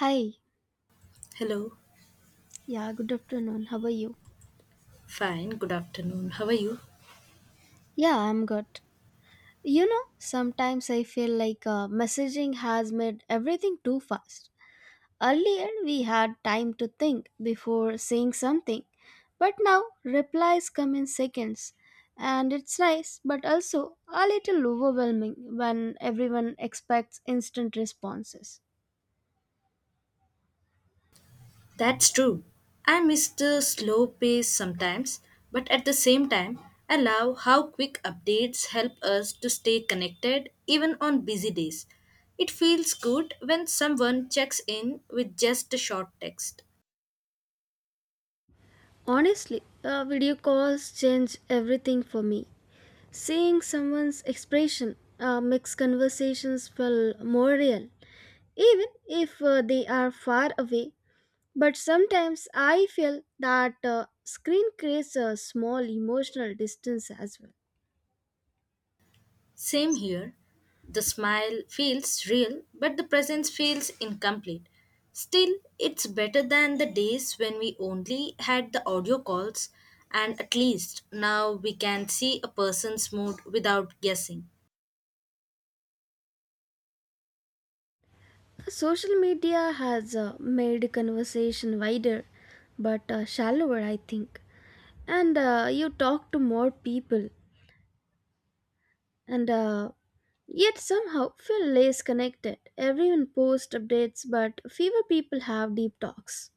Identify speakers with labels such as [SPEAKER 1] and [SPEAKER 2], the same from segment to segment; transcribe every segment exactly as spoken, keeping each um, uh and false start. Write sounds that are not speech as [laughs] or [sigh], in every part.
[SPEAKER 1] Hi,
[SPEAKER 2] Hello.
[SPEAKER 1] yeah, good afternoon. How are you?
[SPEAKER 2] Fine. Good afternoon. How are you?
[SPEAKER 1] Yeah, I'm good. You know, sometimes I feel like uh, messaging has made everything too fast. Earlier, we had time to think before saying something, but now replies come in seconds. And it's nice, but also a little overwhelming when everyone expects instant responses.
[SPEAKER 2] That's true. I miss the slow pace sometimes, but at the same time, I love how quick updates help us to stay connected even on busy days. It feels good when someone checks in with just a short text.
[SPEAKER 1] Honestly, uh, video calls change everything for me. Seeing someone's expression uh, makes conversations feel more real, even if uh, they are far away. But sometimes I feel that uh, screen creates a small emotional distance as well.
[SPEAKER 2] Same here. The smile feels real, but the presence feels incomplete. Still, it's better than the days when we only had the audio calls, and at least now we can see a person's mood without guessing.
[SPEAKER 1] Social media has uh, made conversation wider, but uh, shallower, I think. And uh, you talk to more people, and uh, yet somehow feel less connected. Everyone posts updates, but fewer people have deep talks.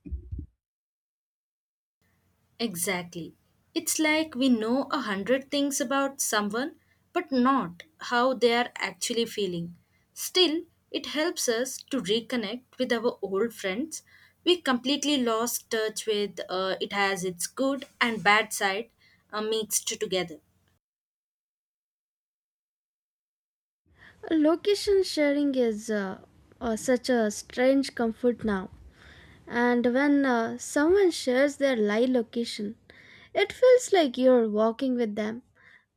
[SPEAKER 2] Exactly. It's like we know a hundred things about someone, but not how they are actually feeling. Still, it helps us to reconnect with our old friends. We completely lost touch with uh, it has its good and bad side uh, mixed together.
[SPEAKER 1] Location sharing is uh, uh, such a strange comfort now, and when uh, someone shares their live location, it feels like you're walking with them.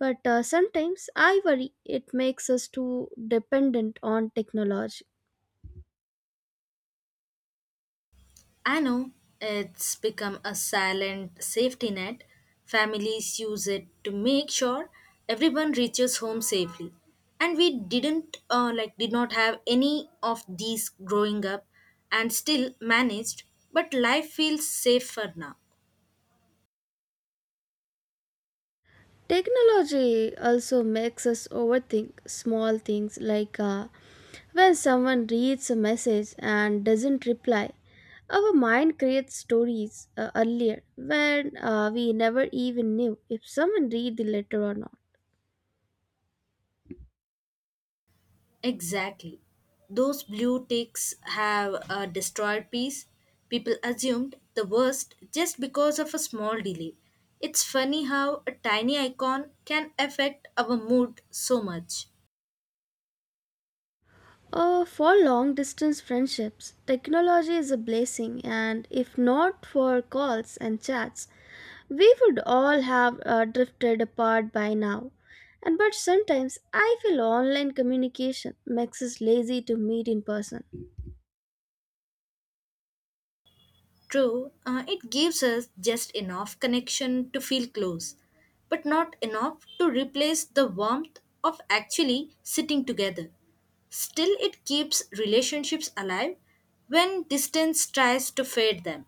[SPEAKER 1] But uh, sometimes I worry it makes us too dependent on technology.
[SPEAKER 2] I know it's become a silent safety net. Families use it to make sure everyone reaches home safely. And we didn't uh, like did not have any of these growing up and still managed, but life feels safer now.
[SPEAKER 1] Technology also makes us overthink small things like uh, when someone reads a message and doesn't reply. Our mind creates stories uh, earlier, when uh, we never even knew if someone read the letter or not.
[SPEAKER 2] Exactly. Those blue ticks have uh, destroyed peace. People assumed the worst just because of a small delay. It's funny how a tiny icon can affect our mood so much.
[SPEAKER 1] Uh, for long distance friendships, technology is a blessing, and if not for calls and chats, we would all have uh, drifted apart by now. And but sometimes I feel online communication makes us lazy to meet in person.
[SPEAKER 2] True, uh, it gives us just enough connection to feel close, but not enough to replace the warmth of actually sitting together. Still, it keeps relationships alive when distance tries to fade them.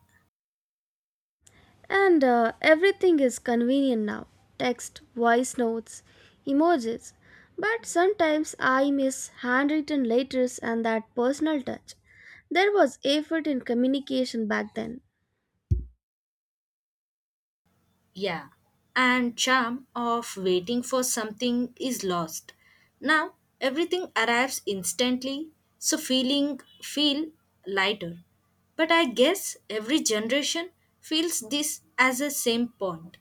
[SPEAKER 1] And uh, everything is convenient now: text, voice notes, emojis. But sometimes I miss handwritten letters and that personal touch. There was effort in communication back then.
[SPEAKER 2] Yeah, and charm of waiting for something is lost. Now everything arrives instantly, so feeling feel lighter. But I guess every generation feels this as a same point.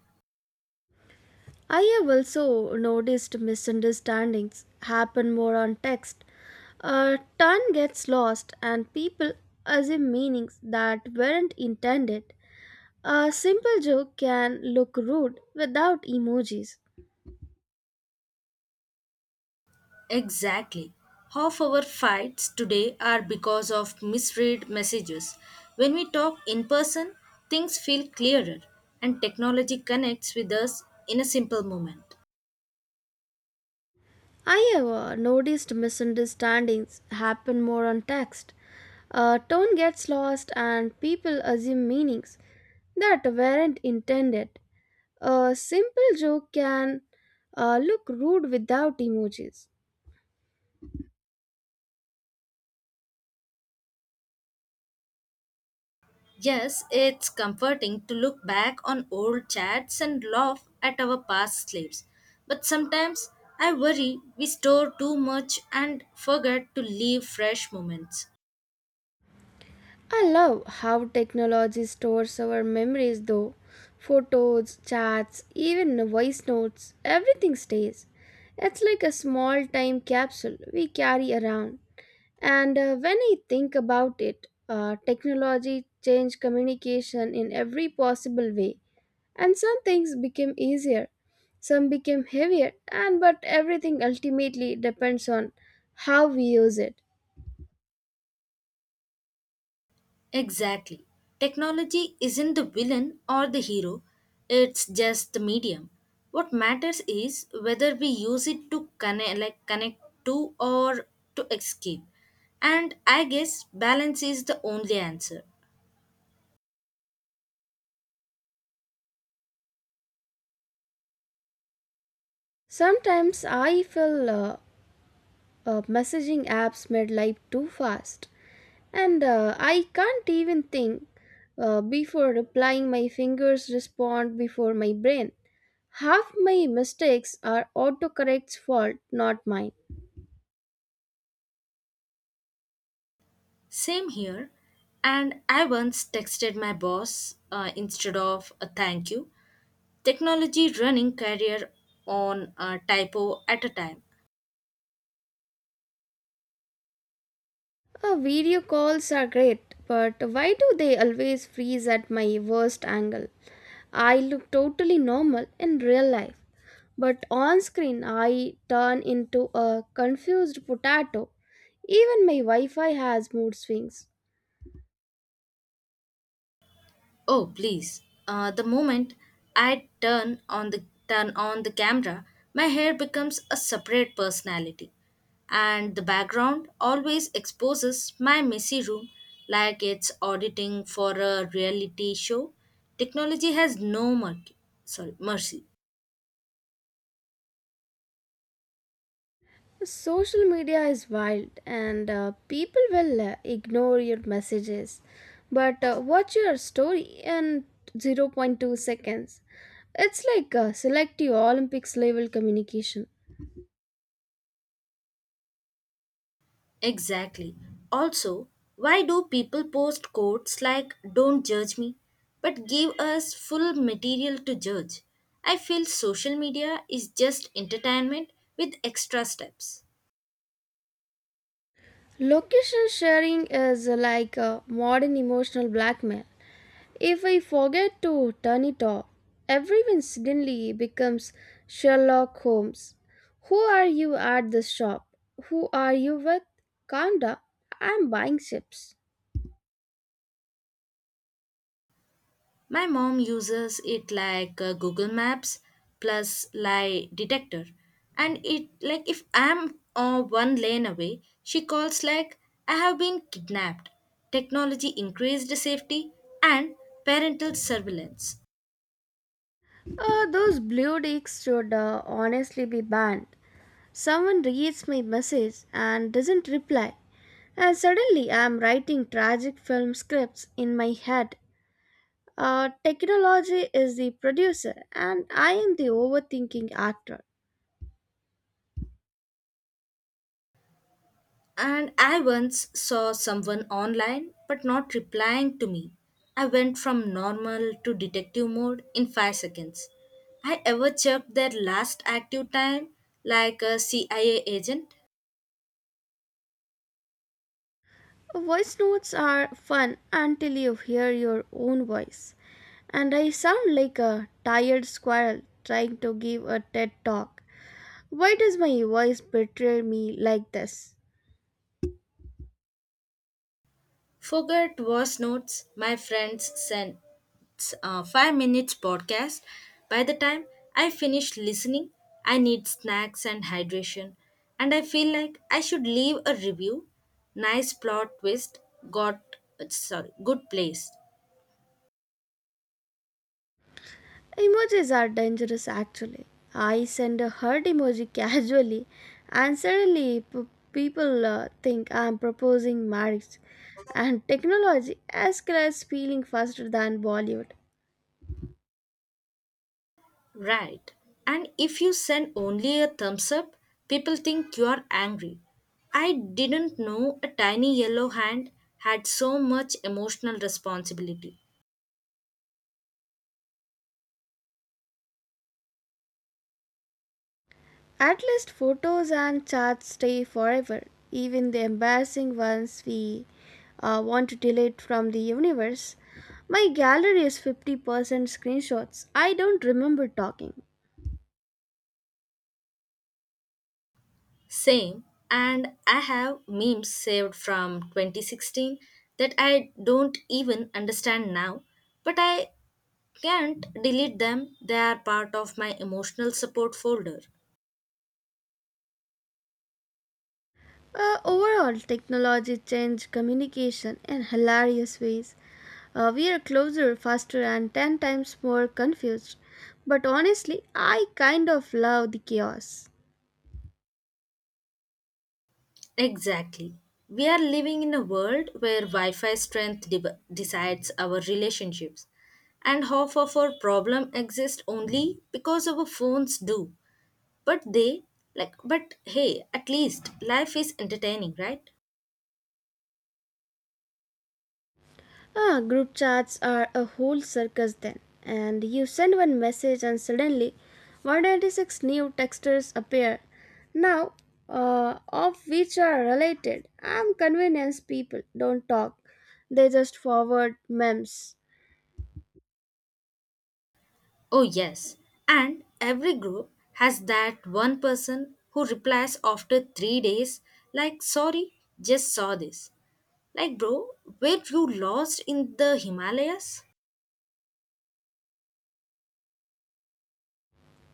[SPEAKER 1] I have also noticed misunderstandings happen more on text. A ton gets lost, and people assume meanings that weren't intended. A simple joke can look rude without emojis.
[SPEAKER 2] Exactly. Half our fights today are because of misread messages. When we talk in person, things feel clearer and technology connects with us in a simple moment.
[SPEAKER 1] I have uh, noticed misunderstandings happen more on text. A tone gets lost, and people assume meanings that weren't intended. A simple joke can uh, look rude without emojis.
[SPEAKER 2] Yes, it's comforting to look back on old chats and laugh at our past slaves. But sometimes I worry we store too much and forget to leave fresh moments.
[SPEAKER 1] I love how technology stores our memories though. Photos, chats, even voice notes, everything stays. It's like a small time capsule we carry around. And uh, when I think about it, uh, technology changed communication in every possible way, and some things became easier, some became heavier, and but everything ultimately depends on how we use it.
[SPEAKER 2] Exactly. Technology isn't the villain or the hero, it's just the medium. What matters is whether we use it to connect like connect to or to escape. And I guess balance is the only answer.
[SPEAKER 1] Sometimes I feel uh, uh, messaging apps made life too fast, and uh, I can't even think uh, before replying. My fingers respond before my brain. Half my mistakes are autocorrect's fault, not mine.
[SPEAKER 2] Same here. And I once texted my boss uh, instead of a thank you. Technology running career on a typo at a time.
[SPEAKER 1] Uh, video calls are great, but why do they always freeze at my worst angle? I look totally normal in real life, but on screen I turn into a confused potato. Even my Wi Fi has mood swings.
[SPEAKER 2] Oh, please! Uh, the moment I turn on the turn on the camera, my hair becomes a separate personality, and the background always exposes my messy room like it's auditing for a reality show. Technology has no mercy. Sorry, mercy.
[SPEAKER 1] Social media is wild, and uh, people will uh, ignore your messages, but uh, watch your story in zero point zero point two seconds. It's like uh, selective Olympics level communication.
[SPEAKER 2] Exactly. Also, why do people post quotes like don't judge me but give us full material to judge? I feel social media is just entertainment with extra steps.
[SPEAKER 1] Location sharing is like a modern emotional blackmail. If I forget to turn it off, everyone suddenly becomes Sherlock Holmes. Who are you at the shop? Who are you with? Calm down. I'm buying chips.
[SPEAKER 2] My mom uses it like uh, Google Maps plus lie detector and it like if I'm uh, one lane away, she calls like I have been kidnapped. Technology increased safety and parental surveillance.
[SPEAKER 1] Uh, those blue dicks should uh, honestly be banned. Someone reads my message and doesn't reply, and suddenly I'm writing tragic film scripts in my head. Uh, technology is the producer, and I am the overthinking actor.
[SPEAKER 2] And I once saw someone online but not replying to me. I went from normal to detective mode in five seconds. I ever checked their last active time like a C I A agent?
[SPEAKER 1] Voice notes are fun until you hear your own voice. And I sound like a tired squirrel trying to give a TED talk. Why does my voice betray me like this?
[SPEAKER 2] Forget was notes my friends sent uh, five minutes podcast. By the time I finish listening, I need snacks and hydration, and I feel like I should leave a review. Nice plot twist, got uh, sorry, good place,
[SPEAKER 1] Emojis are dangerous actually. I send a heart emoji [laughs] casually, and suddenly p- people uh, think I'm proposing marriage. And technology escalates feeling faster than Bollywood.
[SPEAKER 2] right? And if you send only a thumbs up, people think you are angry. I didn't know a tiny yellow hand had so much emotional responsibility.
[SPEAKER 1] At least photos and chats stay forever, even the embarrassing ones we uh, want to delete from the universe. My gallery is fifty percent screenshots. I don't remember talking.
[SPEAKER 2] Same, and I have memes saved from twenty sixteen that I don't even understand now, but I can't delete them. They are part of my emotional support folder.
[SPEAKER 1] Uh, overall, technology changed communication in hilarious ways. Uh, we are closer, faster, and ten times more confused. But honestly, I kind of love the chaos.
[SPEAKER 2] Exactly. We are living in a world where Wi Fi strength de- decides our relationships, and half of our problem exists only because our phones do. But they, like, but hey, at least life is entertaining, right?
[SPEAKER 1] Ah, group chats are a whole circus then. And you send one message, and suddenly one hundred ninety-six new texters appear. Now, uh, of which are related. I'm convenience people don't talk, they just forward memes.
[SPEAKER 2] Oh, yes. And every group has that one person who replies after three days, like, sorry, just saw this. Like, bro, were you lost in the Himalayas?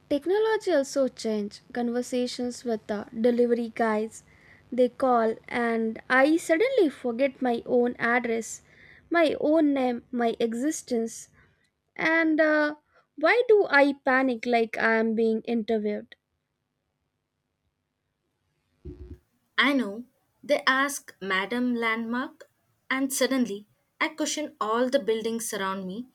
[SPEAKER 1] Technology also changed conversations with the delivery guys. They call, and I suddenly forget my own address, my own name, my existence. And uh, why do I panic like I am being interviewed?
[SPEAKER 2] I know. They ask Madam Landmark, and suddenly I question all the buildings around me.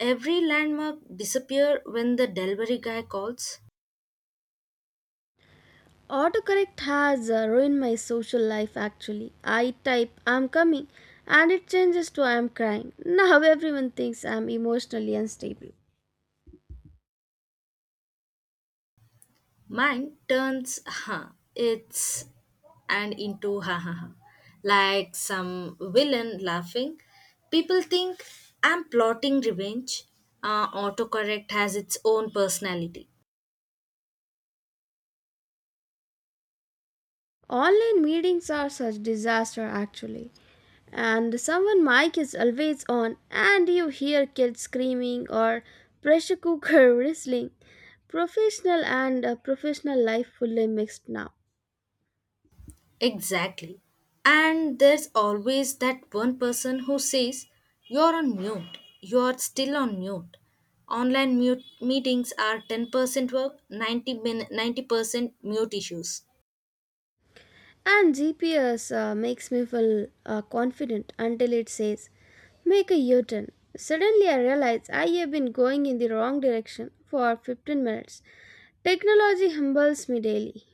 [SPEAKER 2] Every landmark disappear when the delivery guy calls.
[SPEAKER 1] Autocorrect has uh, ruined my social life actually. I type I'm coming, and it changes to I'm crying. [laughs] Now everyone thinks I'm emotionally unstable.
[SPEAKER 2] Mine turns huh, it's and into ha ha ha, like some villain laughing. People think I'm plotting revenge. Uh, autocorrect has its own personality.
[SPEAKER 1] Online meetings are such disaster actually. And someone mic is always on, and you hear kids screaming or pressure cooker [laughs] whistling. Professional and uh, professional life fully mixed now.
[SPEAKER 2] Exactly. And there's always that one person who says, you're on mute. You're still on mute. Online mute meetings are ten percent work, ninety min- ninety percent mute issues.
[SPEAKER 1] And G P S uh, makes me feel uh, confident until it says, make a U turn. Suddenly, I realize I have been going in the wrong direction for fifteen minutes. Technology humbles me daily.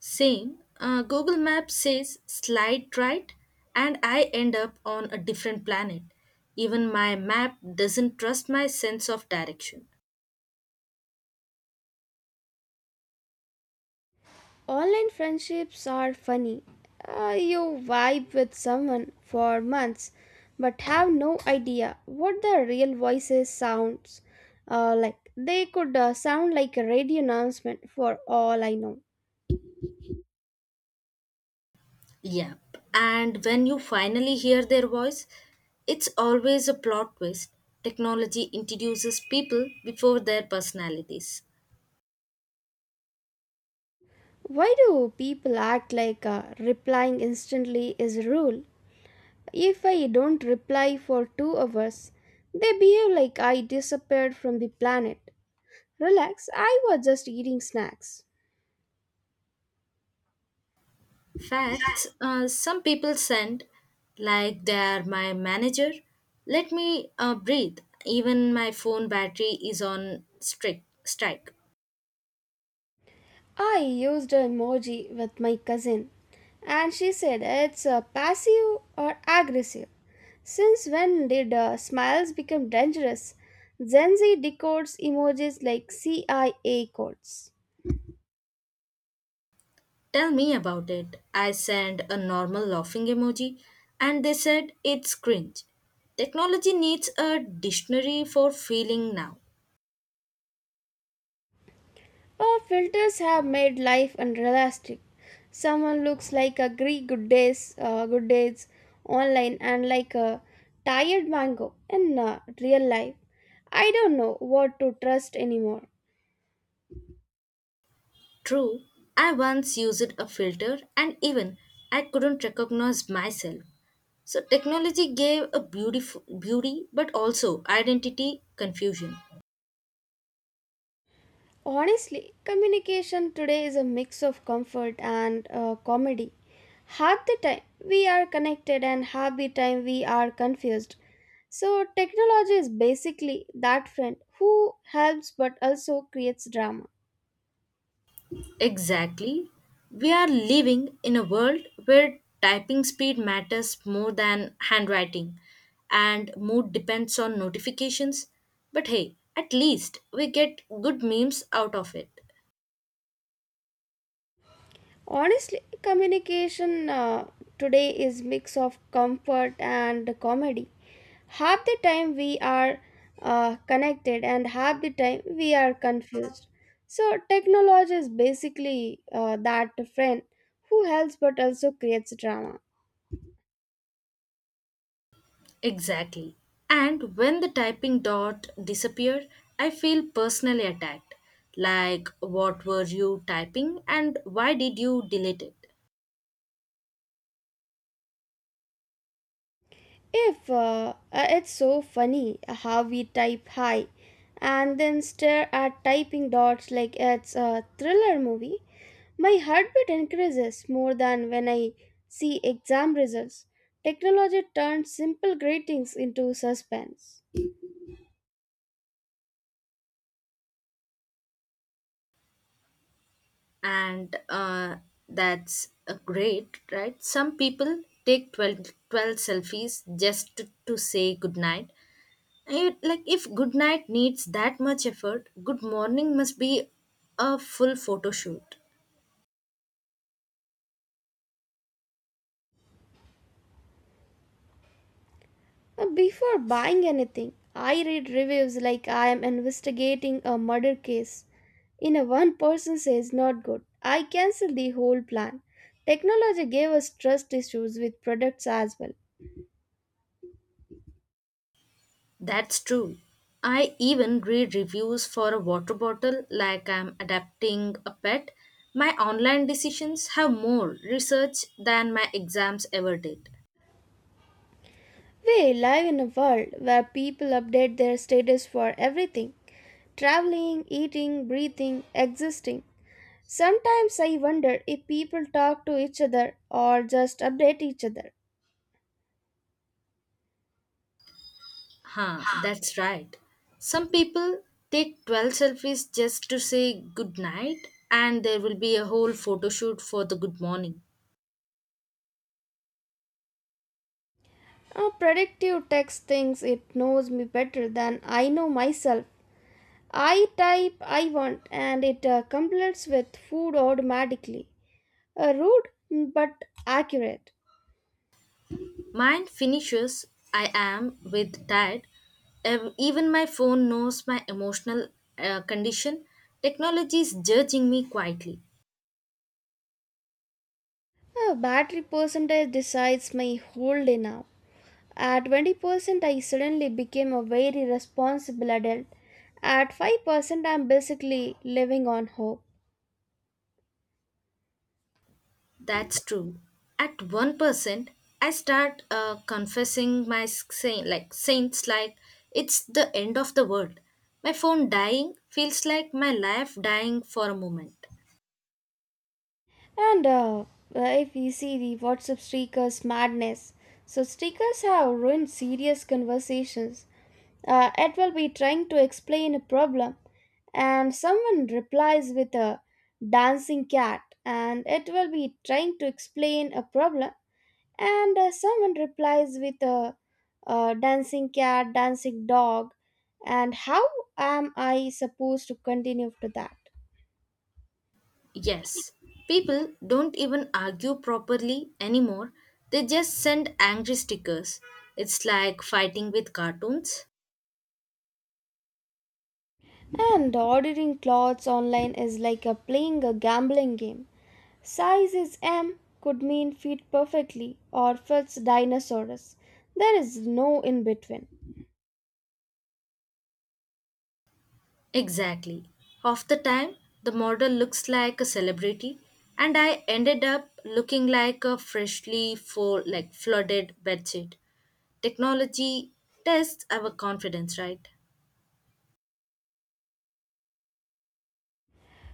[SPEAKER 2] Same, uh, Google Maps says slide right, and I end up on a different planet. Even my map doesn't trust my sense of direction.
[SPEAKER 1] Online friendships are funny. Uh, you vibe with someone for months but have no idea what their real voices sounds uh, like. They could uh, sound like a radio announcement for all I know.
[SPEAKER 2] Yep. And when you finally hear their voice, it's always a plot twist. Technology introduces people before their personalities.
[SPEAKER 1] Why do people act like uh, replying instantly is a rule? If I don't reply for two hours, they behave like I disappeared from the planet. Relax, I was just eating snacks.
[SPEAKER 2] Facts uh, some people send, like they are my manager, let me uh, breathe. Even my phone battery is on strict strike.
[SPEAKER 1] I used an emoji with my cousin, and she said it's uh, passive or aggressive. Since when did uh, smiles become dangerous? Gen Z decodes emojis like C I A codes.
[SPEAKER 2] Tell me about it. I sent a normal laughing emoji and they said it's cringe. Technology needs a dictionary for feeling now.
[SPEAKER 1] Our filters have made life unrealistic. Someone looks like a Greek good days, uh, good days online, and like a tired mango in uh, real life. I don't know what to trust anymore.
[SPEAKER 2] True, I once used a filter and even I couldn't recognize myself. So technology gave a beautiful beauty but also identity confusion.
[SPEAKER 1] Honestly, communication today is a mix of comfort and uh, comedy. Half the time we are connected, and half the time we are confused. So, technology is basically that friend who helps but also creates drama.
[SPEAKER 2] Exactly. We are living in a world where typing speed matters more than handwriting and mood depends on notifications. But hey, at least we get good memes out of it.
[SPEAKER 1] Honestly, communication uh, today is mix of comfort and comedy. Half the time we are uh, connected, and half the time we are confused. So technology is basically uh, that friend who helps but also creates drama.
[SPEAKER 2] Exactly. And when the typing dot disappear, I feel personally attacked. Like what were you typing and why did you delete it?
[SPEAKER 1] If uh, uh, it's so funny how we type hi and then stare at typing dots like it's a thriller movie. My heartbeat increases more than when I see exam results. Technology turns simple greetings into suspense.
[SPEAKER 2] and uh, that's uh, great, right? Some people take twelve twelve selfies just to, to say good night. I- Like, if good night needs that much effort, good morning must be a full photo shoot.
[SPEAKER 1] Uh, Before buying anything, I read reviews like I am investigating a murder case. In a one person says not good, I cancel the whole plan. Technology gave us trust issues with products as well.
[SPEAKER 2] That's true. I even read reviews for a water bottle like I'm adapting a pet. My online decisions have more research than my exams ever did.
[SPEAKER 1] We live in a world where people update their status for everything: traveling, eating, breathing, existing. Sometimes I wonder if people talk to each other or just update each other.
[SPEAKER 2] Huh, that's right. Some people take twelve selfies just to say good night, and there will be a whole photo shoot for the good morning.
[SPEAKER 1] Uh, predictive text thinks it knows me better than I know myself. I type I want, and it uh, completes with food automatically. Uh, rude but accurate.
[SPEAKER 2] Mine finishes, I am with tired. Ev- Even my phone knows my emotional uh, condition. Technology is judging me quietly.
[SPEAKER 1] Uh, battery percentage decides my whole day now. At twenty percent, I suddenly became a very responsible adult. At five percent, I'm basically living on hope.
[SPEAKER 2] That's true. At one percent, I start uh, confessing my saint like saints like it's the end of the world. My phone dying feels like my life dying for a moment.
[SPEAKER 1] And uh, uh, if we see the WhatsApp streakers madness, so streakers have ruined serious conversations. Uh, it will be trying to explain a problem, and someone replies with a dancing cat, and it will be trying to explain a problem, and uh, someone replies with a, uh dancing cat, dancing dog, and how am I supposed to continue after that?
[SPEAKER 2] Yes, people don't even argue properly anymore. They just send angry stickers. It's like fighting with cartoons.
[SPEAKER 1] And ordering clothes online is like a playing a gambling game. Size is M could mean fit perfectly or fits dinosaurs. There is no in between.
[SPEAKER 2] Exactly. Half the time, the model looks like a celebrity, and I ended up looking like a freshly fo- like flooded bedsheet. Technology tests our confidence, right?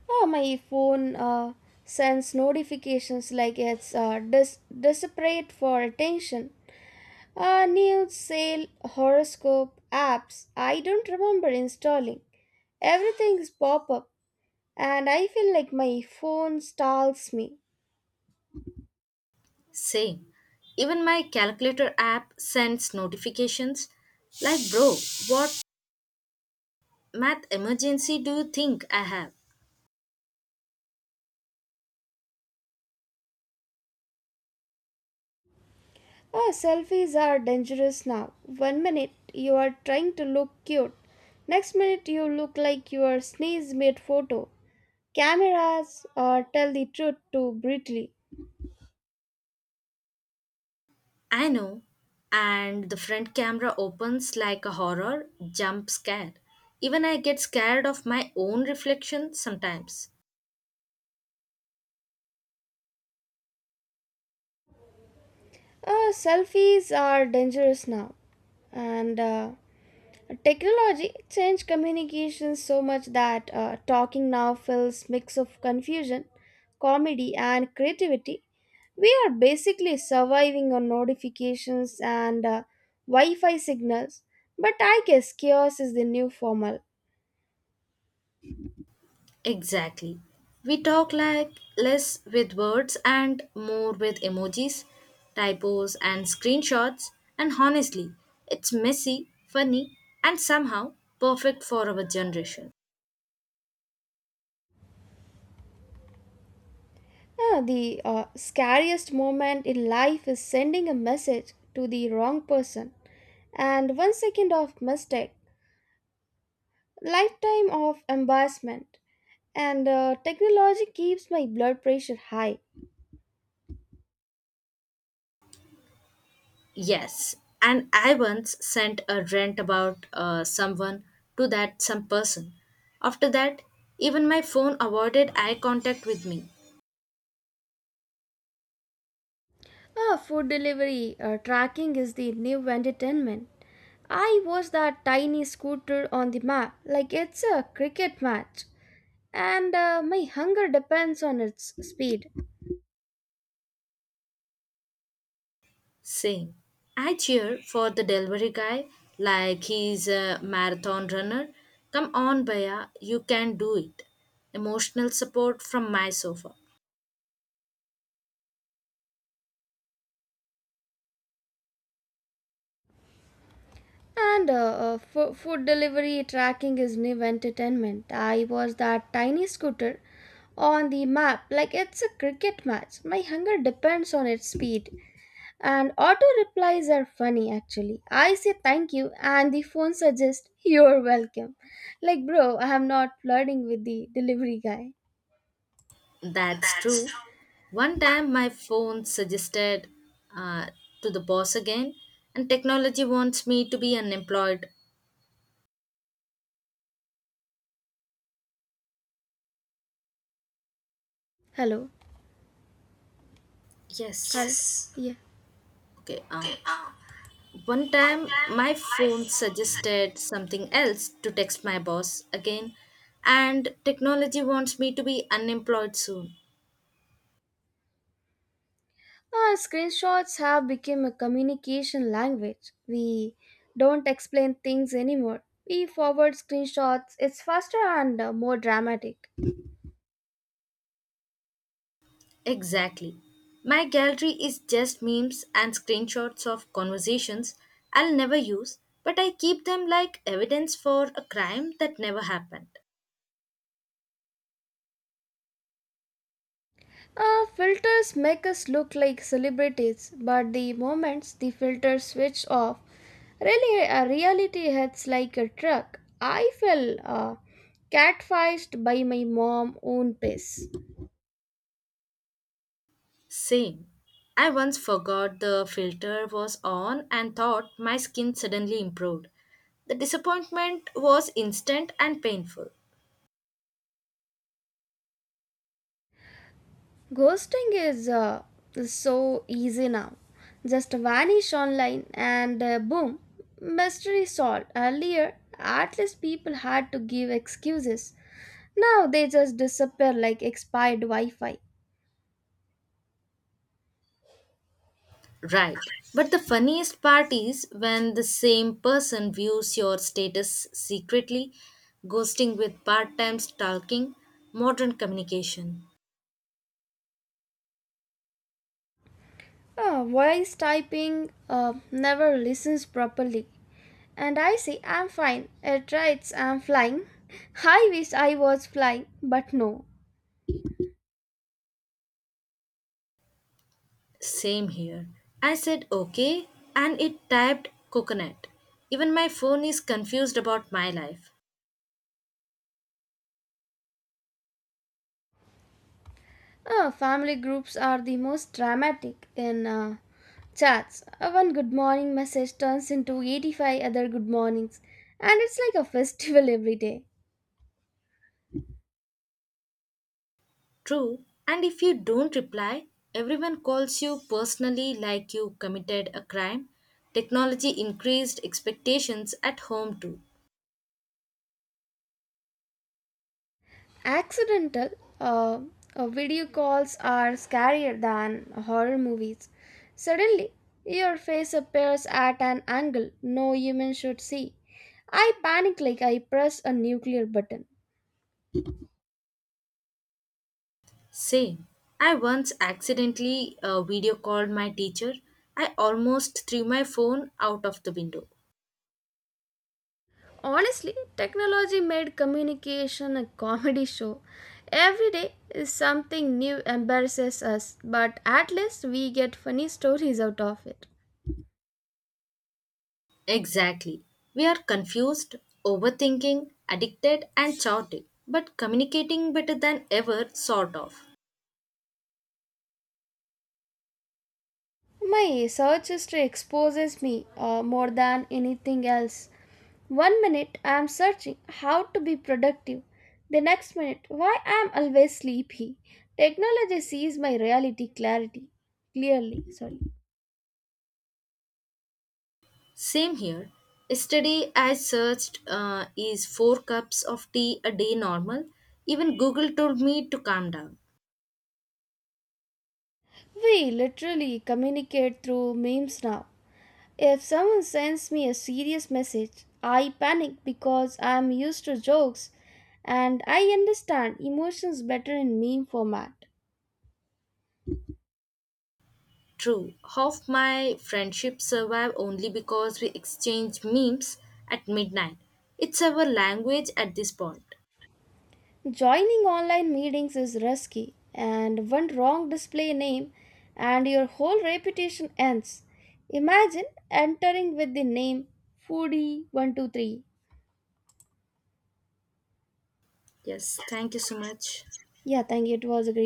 [SPEAKER 1] Ah, my phone uh, sends notifications like it's uh, des- desperate for attention. Uh, news, sale, horoscope, apps. I don't remember installing. Everything's pop up, and I feel like my phone stalls me.
[SPEAKER 2] Same. Even my calculator app sends notifications like, bro, what math emergency do you think I have?
[SPEAKER 1] Oh, selfies are dangerous now. One minute you are trying to look cute. Next minute you look like your sneeze made photo. Cameras or tell the truth too brutally.
[SPEAKER 2] I know. And the front camera opens like a horror jump scare. Even I get scared of my own reflection sometimes.
[SPEAKER 1] Oh, selfies are dangerous now. And uh, Technology changed communication so much that uh, talking now feels mix of confusion, comedy, and creativity. We are basically surviving on notifications and uh, Wi-Fi signals, but I guess chaos is the new formal.
[SPEAKER 2] Exactly. We talk like less with words and more with emojis, typos, and screenshots. And honestly, it's messy, funny, and somehow perfect for our generation.
[SPEAKER 1] Yeah, the uh, scariest moment in life is sending a message to the wrong person, and one second of mistake, lifetime of embarrassment, and uh, technology keeps my blood pressure high.
[SPEAKER 2] Yes, and I once sent a rant about uh, someone to that some person. After that, even my phone avoided eye contact with me,
[SPEAKER 1] Ah, food delivery uh, tracking is the new entertainment. I watch that tiny scooter on the map like it's a cricket match, and uh, my hunger depends on its speed.
[SPEAKER 2] saying, I cheer for the delivery guy like he's a marathon runner. Come on, Baya, you can do it. Emotional support from my sofa.
[SPEAKER 1] And uh, uh, fo- food delivery tracking is new entertainment. I watch that tiny scooter on the map like it's a cricket match. My hunger depends on its speed. And auto replies are funny actually. I say thank you, and the phone suggests you're welcome. Like bro, I am not flirting with the delivery guy.
[SPEAKER 2] That's true. One time my phone suggested uh, to the boss again, and technology wants me to be unemployed.
[SPEAKER 1] Hello. Hello.
[SPEAKER 2] Yes.
[SPEAKER 1] Yeah.
[SPEAKER 2] Okay. Uh, one time my phone suggested something else to text my boss again, and technology wants me to be unemployed soon.
[SPEAKER 1] Ah, screenshots have become a communication language. We don't explain things anymore. We forward screenshots. It's faster and uh, more dramatic.
[SPEAKER 2] Exactly. My gallery is just memes and screenshots of conversations I'll never use, but I keep them like evidence for a crime that never happened.
[SPEAKER 1] Uh, filters make us look like celebrities, but the moments the filters switch off, really, uh, reality hits like a truck. I fell uh, catfished by my mom own piss.
[SPEAKER 2] Same. I once forgot the filter was on and thought my skin suddenly improved. The disappointment was instant and painful.
[SPEAKER 1] Ghosting is uh, so easy now. Just vanish online, and uh, boom, mystery solved. Earlier, at least people had to give excuses. Now they just disappear like expired Wi Fi.
[SPEAKER 2] Right. But the funniest part is when the same person views your status secretly, ghosting with part time stalking, modern communication.
[SPEAKER 1] Ah, voice typing uh, never listens properly. And I say, I'm fine. It writes, I'm flying. [laughs] I wish I was flying, but no.
[SPEAKER 2] Same here. I said okay and it typed coconut. Even my phone is confused about my life.
[SPEAKER 1] Ah, family groups are the most dramatic in uh, chats. Uh, one good morning message turns into eighty-five other good mornings. And it's like a festival [laughs] every day.
[SPEAKER 2] True, and if you don't reply, everyone calls you personally like you committed a crime. Technology increased expectations at home too.
[SPEAKER 1] Accidental uh, uh, video calls are scarier than horror movies. Suddenly, your face appears at an angle no human should see. I panic like I press a nuclear button.
[SPEAKER 2] Same. I once accidentally uh, video called my teacher. I almost threw my phone out of the window.
[SPEAKER 1] Honestly, technology made communication a comedy show. Every day is something new embarrasses us, but at least we get funny stories out of it.
[SPEAKER 2] Exactly. We are confused, overthinking, addicted, and chaotic, but communicating better than ever, sort of.
[SPEAKER 1] My search history exposes me uh, more than anything else. One minute I am searching how to be productive, the next minute why I am always sleepy. Technology sees my reality clarity clearly. Sorry.
[SPEAKER 2] Same here. Yesterday, I searched uh, is four cups of tea a day normal? Even Google told me to calm down.
[SPEAKER 1] We literally communicate through memes now. If someone sends me a serious message, I panic because I am used to jokes, and I understand emotions better in meme format.
[SPEAKER 2] True, half my friendships survive only because we exchange memes at midnight. It's our language at this point.
[SPEAKER 1] Joining online meetings is risky, and one wrong display name and your whole reputation ends. Imagine entering with the name foodie one two three.
[SPEAKER 2] Yes, thank you so much.
[SPEAKER 1] Yeah, thank you. It was a great